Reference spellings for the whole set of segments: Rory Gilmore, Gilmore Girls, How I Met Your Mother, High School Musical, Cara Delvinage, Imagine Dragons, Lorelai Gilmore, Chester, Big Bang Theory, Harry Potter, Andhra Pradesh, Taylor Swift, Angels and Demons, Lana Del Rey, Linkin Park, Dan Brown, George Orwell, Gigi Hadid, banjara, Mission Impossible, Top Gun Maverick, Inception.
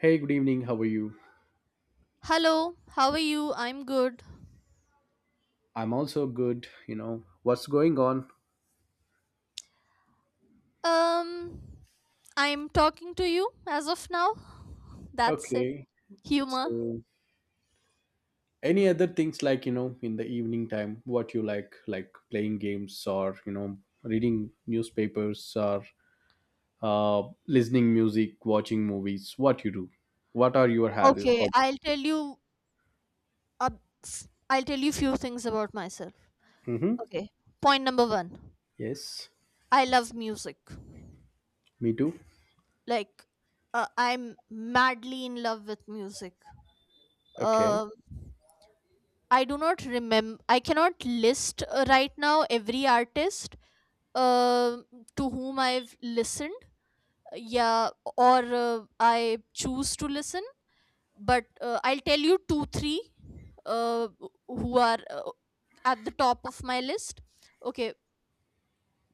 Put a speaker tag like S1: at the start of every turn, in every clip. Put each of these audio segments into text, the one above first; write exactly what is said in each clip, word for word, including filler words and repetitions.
S1: Hey, good evening. How are you?
S2: Hello, how are you? I'm good.
S1: I'm also good. You know, what's going on?
S2: Um, I'm talking to you as of now. That's it.
S1: Okay.
S2: Humor.
S1: So, any other things like, you know, in the evening time, what you like, like playing games or, you know, reading newspapers or uh, listening music, watching movies, what you do? What are your hab-
S2: Okay, I'll
S1: hobbies?
S2: tell you a f- I'll tell you few things about myself.
S1: Mm-hmm.
S2: Okay. Point number one.
S1: Yes,
S2: I love music.
S1: me too.
S2: Like uh, I'm madly in love with music.
S1: Okay.
S2: Um I do not remember I cannot list uh, right now every artist um to whom I've listened, yeah, or uh, I choose to listen, but uh, I'll tell you two three uh, who are uh, at the top of my list. Okay,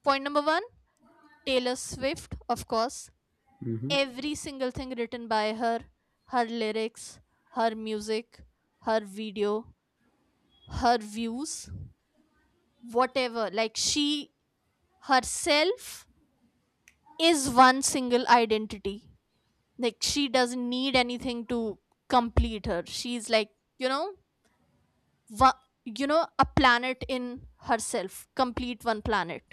S2: point number one, taylor swift, of course.
S1: Mm-hmm.
S2: Every single thing written by her, her lyrics, her music, her video, her views, whatever, like she herself is one single identity. Like she doesn't need anything to complete her. She's like, you know wa- you know, a planet in herself, complete one planet.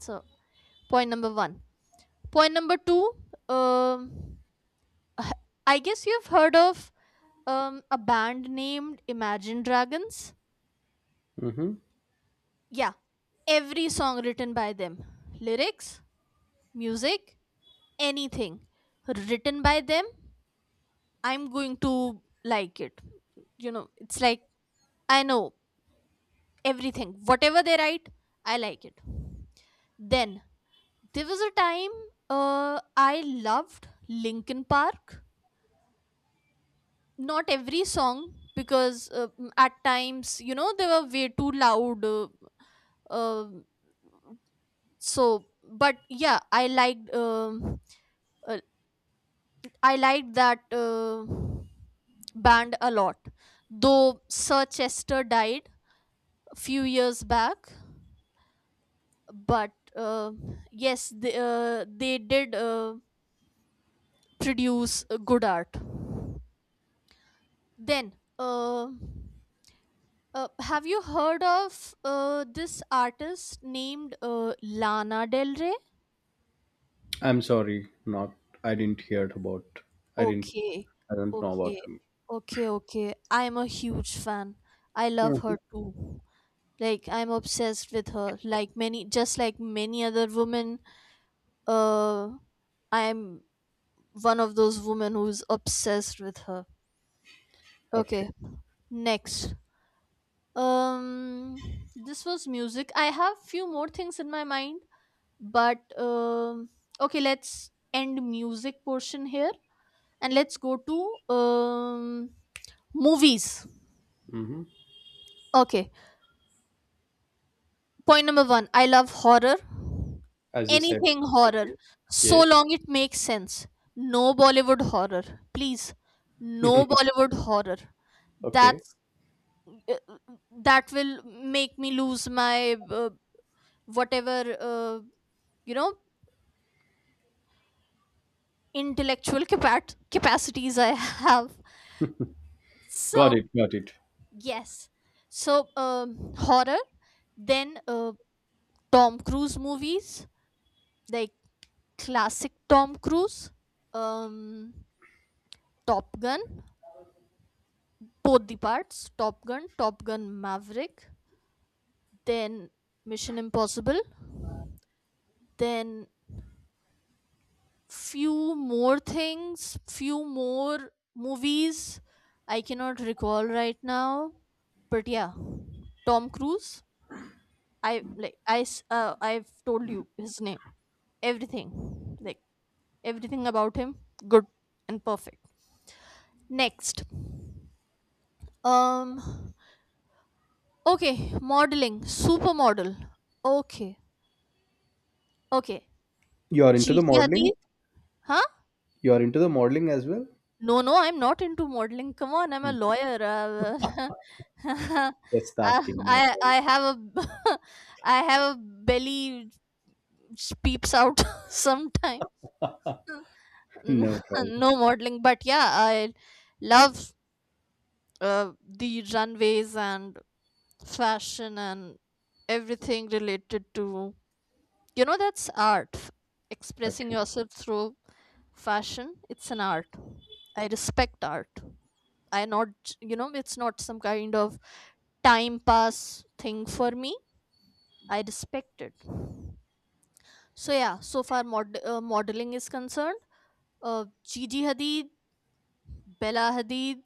S2: So point number one. Point number two, um h- I guess you've heard of um a band named imagine dragons.
S1: Mm-hmm.
S2: Yeah, every song written by them, lyrics, music, anything written by them, I'm going to like it. You know, it's like, I know everything whatever they write, I like it. Then there was a time uh, I loved linkin park. Not every song, because uh, m- at times, you know, they were way too loud. uh, uh, so, but yeah, I liked um uh, I liked that uh, band a lot, though sir chester died a few years back. But uh, yes, they, uh, they did uh, produce uh, good art. Then, uh, uh, have you heard of uh, this artist named uh, Lana Del Rey?
S1: I'm sorry, not, I didn't hear about, I didn't,
S2: Okay,
S1: I don't know about
S2: okay,
S1: him.
S2: okay, okay. I'm a huge fan. I love
S1: Mhm.
S2: her too. Like I'm obsessed with her. Like many, just like many other women, uh, I'm one of those women who's obsessed with her.
S1: Okay.
S2: Okay, next. Um this was music. I have few more things in my mind, but um okay, let's end music portion here and let's go to um movies.
S1: Mm-hmm.
S2: Okay, point number one, I love horror.
S1: As you said.
S2: Anything horror
S1: Okay.
S2: so
S1: Yes.
S2: long it makes sense. No bollywood horror, please. No bollywood horror.
S1: Okay.
S2: that's uh, uh, that will make me lose my uh, whatever, uh, you know, intellectual capac- capacities I have.
S1: Got
S2: So,
S1: it. Got it.
S2: yes. So, um, horror, then uh, Tom Cruise movies, like classic Tom Cruise, um, Top Gun, both the parts, Top Gun, Top Gun Maverick, then Mission Impossible, then few more things, few more movies I cannot recall right now, but yeah, Tom Cruise. I like I s- uh, I've told you his name, everything, like everything about him, good and perfect. Next, um, okay, modeling, supermodel. Okay, okay,
S1: You are into the
S2: Gigi
S1: modeling.
S2: Hadid, huh?
S1: You are into the modeling as well.
S2: No, no, I'm not into modeling. Come on, I'm a lawyer. Uh, uh,
S1: Just asking. No
S2: I I
S1: problem.
S2: have a I have a belly which peeps out sometime.
S1: No problem.
S2: No modeling, but yeah, I love uh, the runways and fashion and everything related to, you know, that's art. F- expressing
S1: Okay.
S2: yourself through fashion, it's an art. I respect art. I not j- You know, it's not some kind of time pass thing for me. I respect it. So yeah, so far mod- uh, modeling is concerned, uh, gigi hadid, bella hadid,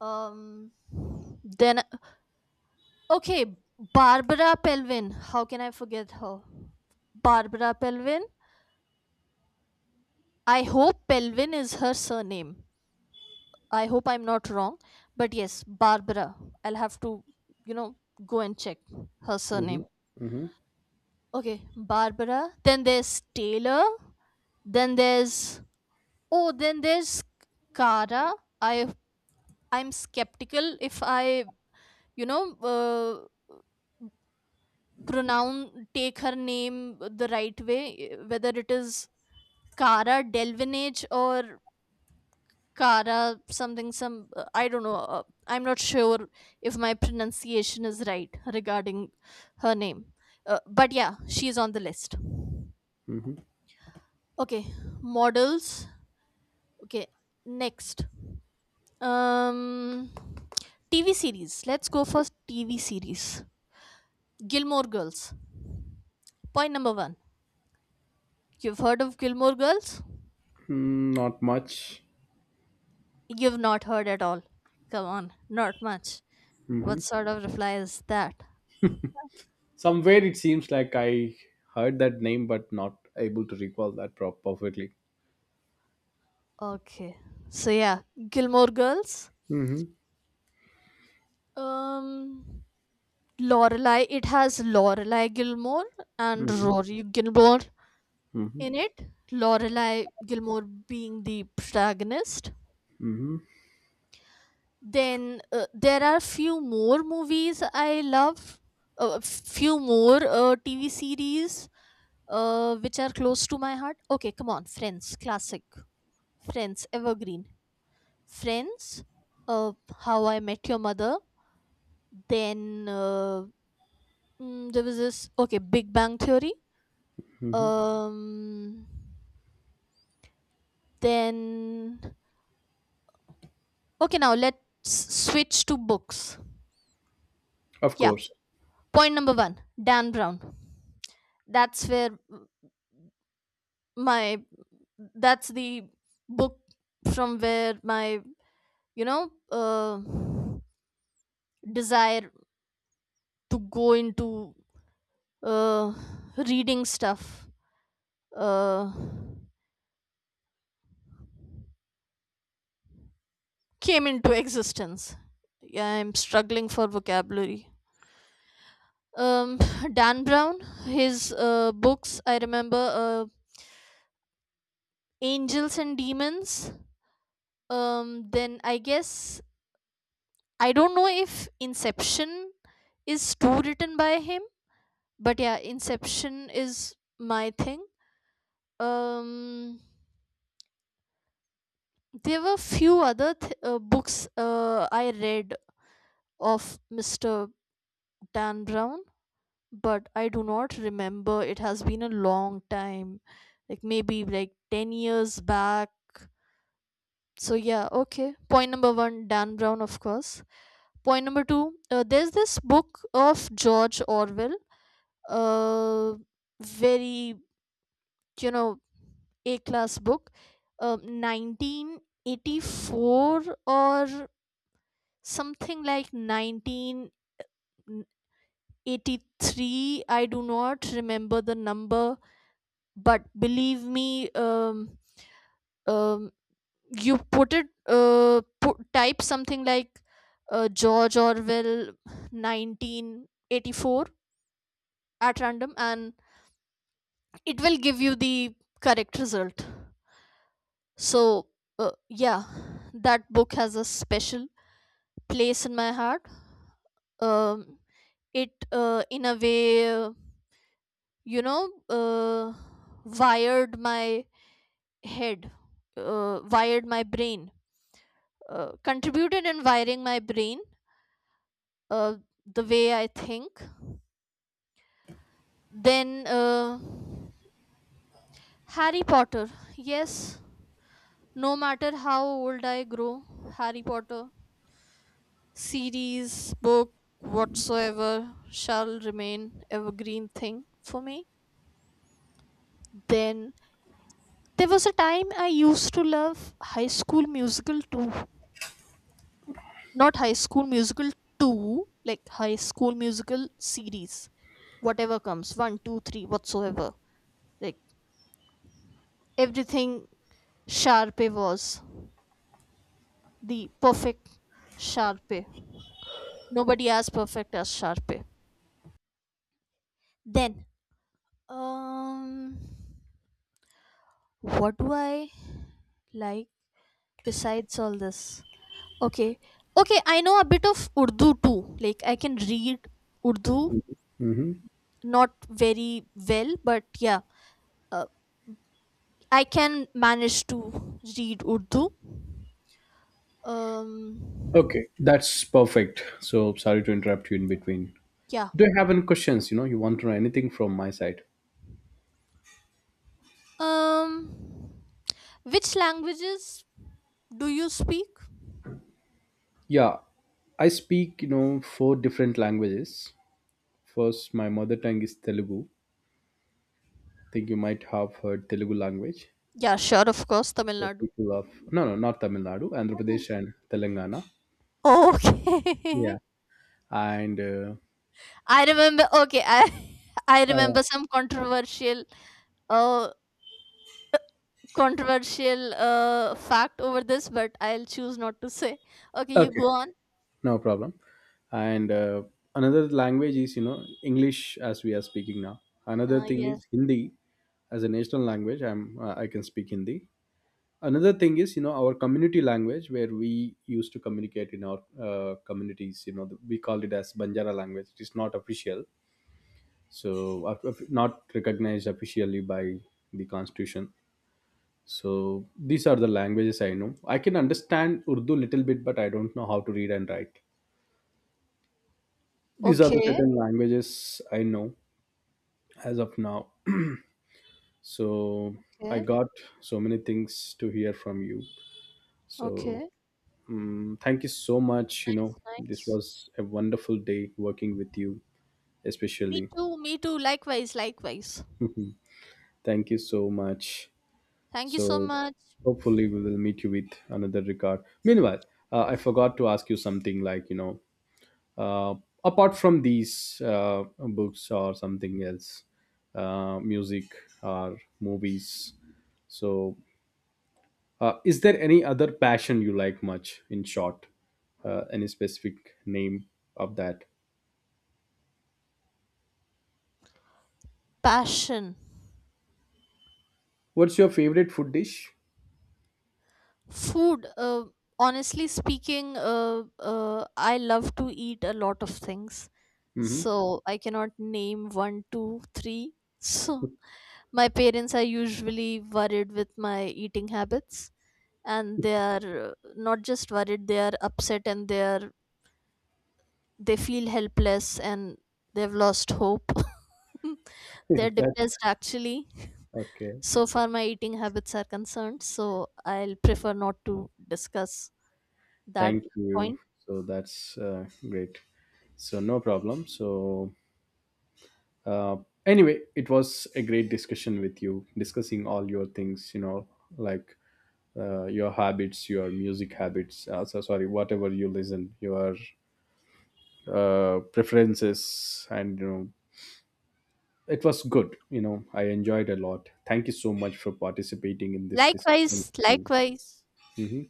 S2: um, then okay, Barbara Pelvin. How can I forget her? Barbara Pelvin. I hope Pelvin is her surname. I hope I'm not wrong. But yes, Barbara. I'll have to, you know, go and check her
S1: Mm-hmm.
S2: surname.
S1: Mm-hmm.
S2: Okay, Barbara. Then there's Taylor. Then there's, oh, then there's Cara. I I'm skeptical if I, you know, uh, pronounce take her name the right way, whether it is Cara Delvinage or Cara something, some, uh, I don't know. Uh, I'm not sure if my pronunciation is right regarding her name. Uh, but yeah, she's on the list.
S1: Mm-hmm.
S2: Okay, models. Okay, next. Um T V series. Let's go for T V series. Gilmore Girls. Point number one. You've heard of Gilmore Girls?
S1: Mm, not much.
S2: You've not heard at all. Come on, not much.
S1: Mm-hmm.
S2: What sort of reply is that?
S1: Somewhere it seems like I heard that name, but not able to recall that prop perfectly.
S2: Okay. So yeah, Gilmore Girls.
S1: Mm-hmm.
S2: Um Lorelai, it has Lorelai Gilmore and
S1: Mm-hmm.
S2: Rory Gilmore
S1: Mm-hmm.
S2: in it. Lorelai Gilmore being the protagonist.
S1: Mm-hmm.
S2: Then uh, there are few more movies I love. Uh, few more uh, T V series uh, which are close to my heart. Okay, come on. Friends, classic. Friends, evergreen. Friends, uh, How I Met Your Mother. Then, uh, mm, there was this, okay, Big Bang Theory.
S1: Mm-hmm.
S2: Um, then okay, now let's switch to books.
S1: Of
S2: Yeah,
S1: course.
S2: point number one, Dan Brown. That's where my that's the book from where my, you know, uh, desire to go into uh, reading stuff uh, came into existence. Yeah, I'm struggling for vocabulary. um, Dan Brown, his uh, books, I remember uh, Angels and Demons. Um, then I guess I don't know if Inception is too written by him, but yeah, Inception is my thing. Um, there were few other th- uh, books uh, I read of Mister Dan Brown, but I do not remember. It has been a long time, like maybe like ten years back. So yeah, okay. Point number one, Dan Brown, of course. Point number two, uh, there's this book of George Orwell, uh, very, you know, A class book, uh, nineteen eighty-four or something like nineteen eighty-three. I do not remember the number, but believe me, um, um, you put it uh, put, type something like uh, george orwell nineteen eighty-four at random and it will give you the correct result. So uh, yeah, that book has a special place in my heart. um, it uh, in a way, uh, you know, uh, wired my head uh, wired my brain, uh, contributed in wiring my brain, uh, the way I think. Then uh, Harry Potter. Yes, no matter how old I grow, Harry Potter, series, book, whatsoever, shall remain evergreen thing for me. Then there was a time I used to love High School Musical too. Not High School Musical two, like High School Musical series. Whatever comes, one, two, three, whatsoever. Like everything Sharpe was the perfect Sharpe. Nobody as perfect as Sharpe. Then, um, what do I like besides all this? Okay, okay, I know a bit of Urdu too. Like I can read Urdu,
S1: Mm-hmm.
S2: not very well, but yeah, uh, I can manage to read Urdu. Um,
S1: Okay, that's perfect. So sorry to interrupt you in between.
S2: yeah.
S1: Do you have any questions? You know, you want to know anything from my side?
S2: Um, which languages do you speak?
S1: Yeah, I speak, you know, four different languages. First, my mother tongue is Telugu. I think you might have heard Telugu language.
S2: Yeah, sure, of course, Tamil
S1: So
S2: Nadu.
S1: people of no, no, not Tamil Nadu, Andhra Pradesh and Telangana. Yeah,
S2: Okay.
S1: and uh,
S2: I remember. Okay, I I
S1: uh,
S2: remember some controversial, uh, controversial uh fact over this, but I'll choose not to say. Okay, you
S1: okay,
S2: go on.
S1: no problem. And uh, another language is, you know, English, as we are speaking now. Another
S2: Uh,
S1: thing is
S2: yes.
S1: Hindi as a national language. I'm uh, I can speak Hindi. Another thing is, you know, our community language where we used to communicate in our uh, communities, you know, the, we called it as banjara language. It is not official, so of- not recognized officially by the constitution. So these are the languages I know. I can understand urdu little bit, but I don't know how to read and write. These are the
S2: Okay.
S1: certain languages I know as of now. So I
S2: Okay.
S1: got so many things to hear from you. So
S2: Okay.
S1: mm, thank you so much. You know, this
S2: Nice.
S1: was a wonderful day working with you,
S2: Me
S1: especially.
S2: too. Me too. Likewise. Likewise.
S1: Mhm. Thank you so much.
S2: Thank you so
S1: So,
S2: much.
S1: hopefully, we will meet you with another regard. Meanwhile, uh, I forgot to ask you something like, you know, uh, apart from these uh, books or something else, uh, music or movies. So, uh, is there any other passion you like much, in short? Uh, any specific name of that?
S2: Passion.
S1: What's your favorite food dish?
S2: Food, uh, honestly speaking, uh, uh, I love to eat a lot of things.
S1: Mhm.
S2: So I cannot name one, two, three. So my parents are usually worried with my eating habits, and they are uh, not just worried; they are upset and they are they feel helpless and they've lost hope.
S1: Is
S2: They're
S1: that
S2: depressed actually.
S1: okay?
S2: So far, my eating habits are concerned. So I'll prefer not to discuss that
S1: Thank you.
S2: point.
S1: So that's uh, great. So no problem. So uh, anyway, it was a great discussion with you, discussing all your things. You know, like uh, your habits, your music habits. Uh, so sorry, whatever you listen, your uh, preferences, and, you know, it was good. You know, I enjoyed a lot. Thank you so much for participating in this discussion. With
S2: Likewise,
S1: me.
S2: likewise.
S1: Mhm.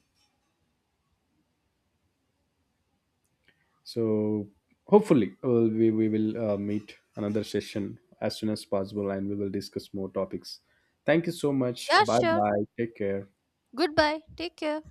S1: So hopefully uh, we, we will uh, meet another session as soon as possible and we will discuss more topics. Thank you so much.
S2: Yeah,
S1: Bye
S2: sure.
S1: bye. Take care.
S2: Goodbye. Take care.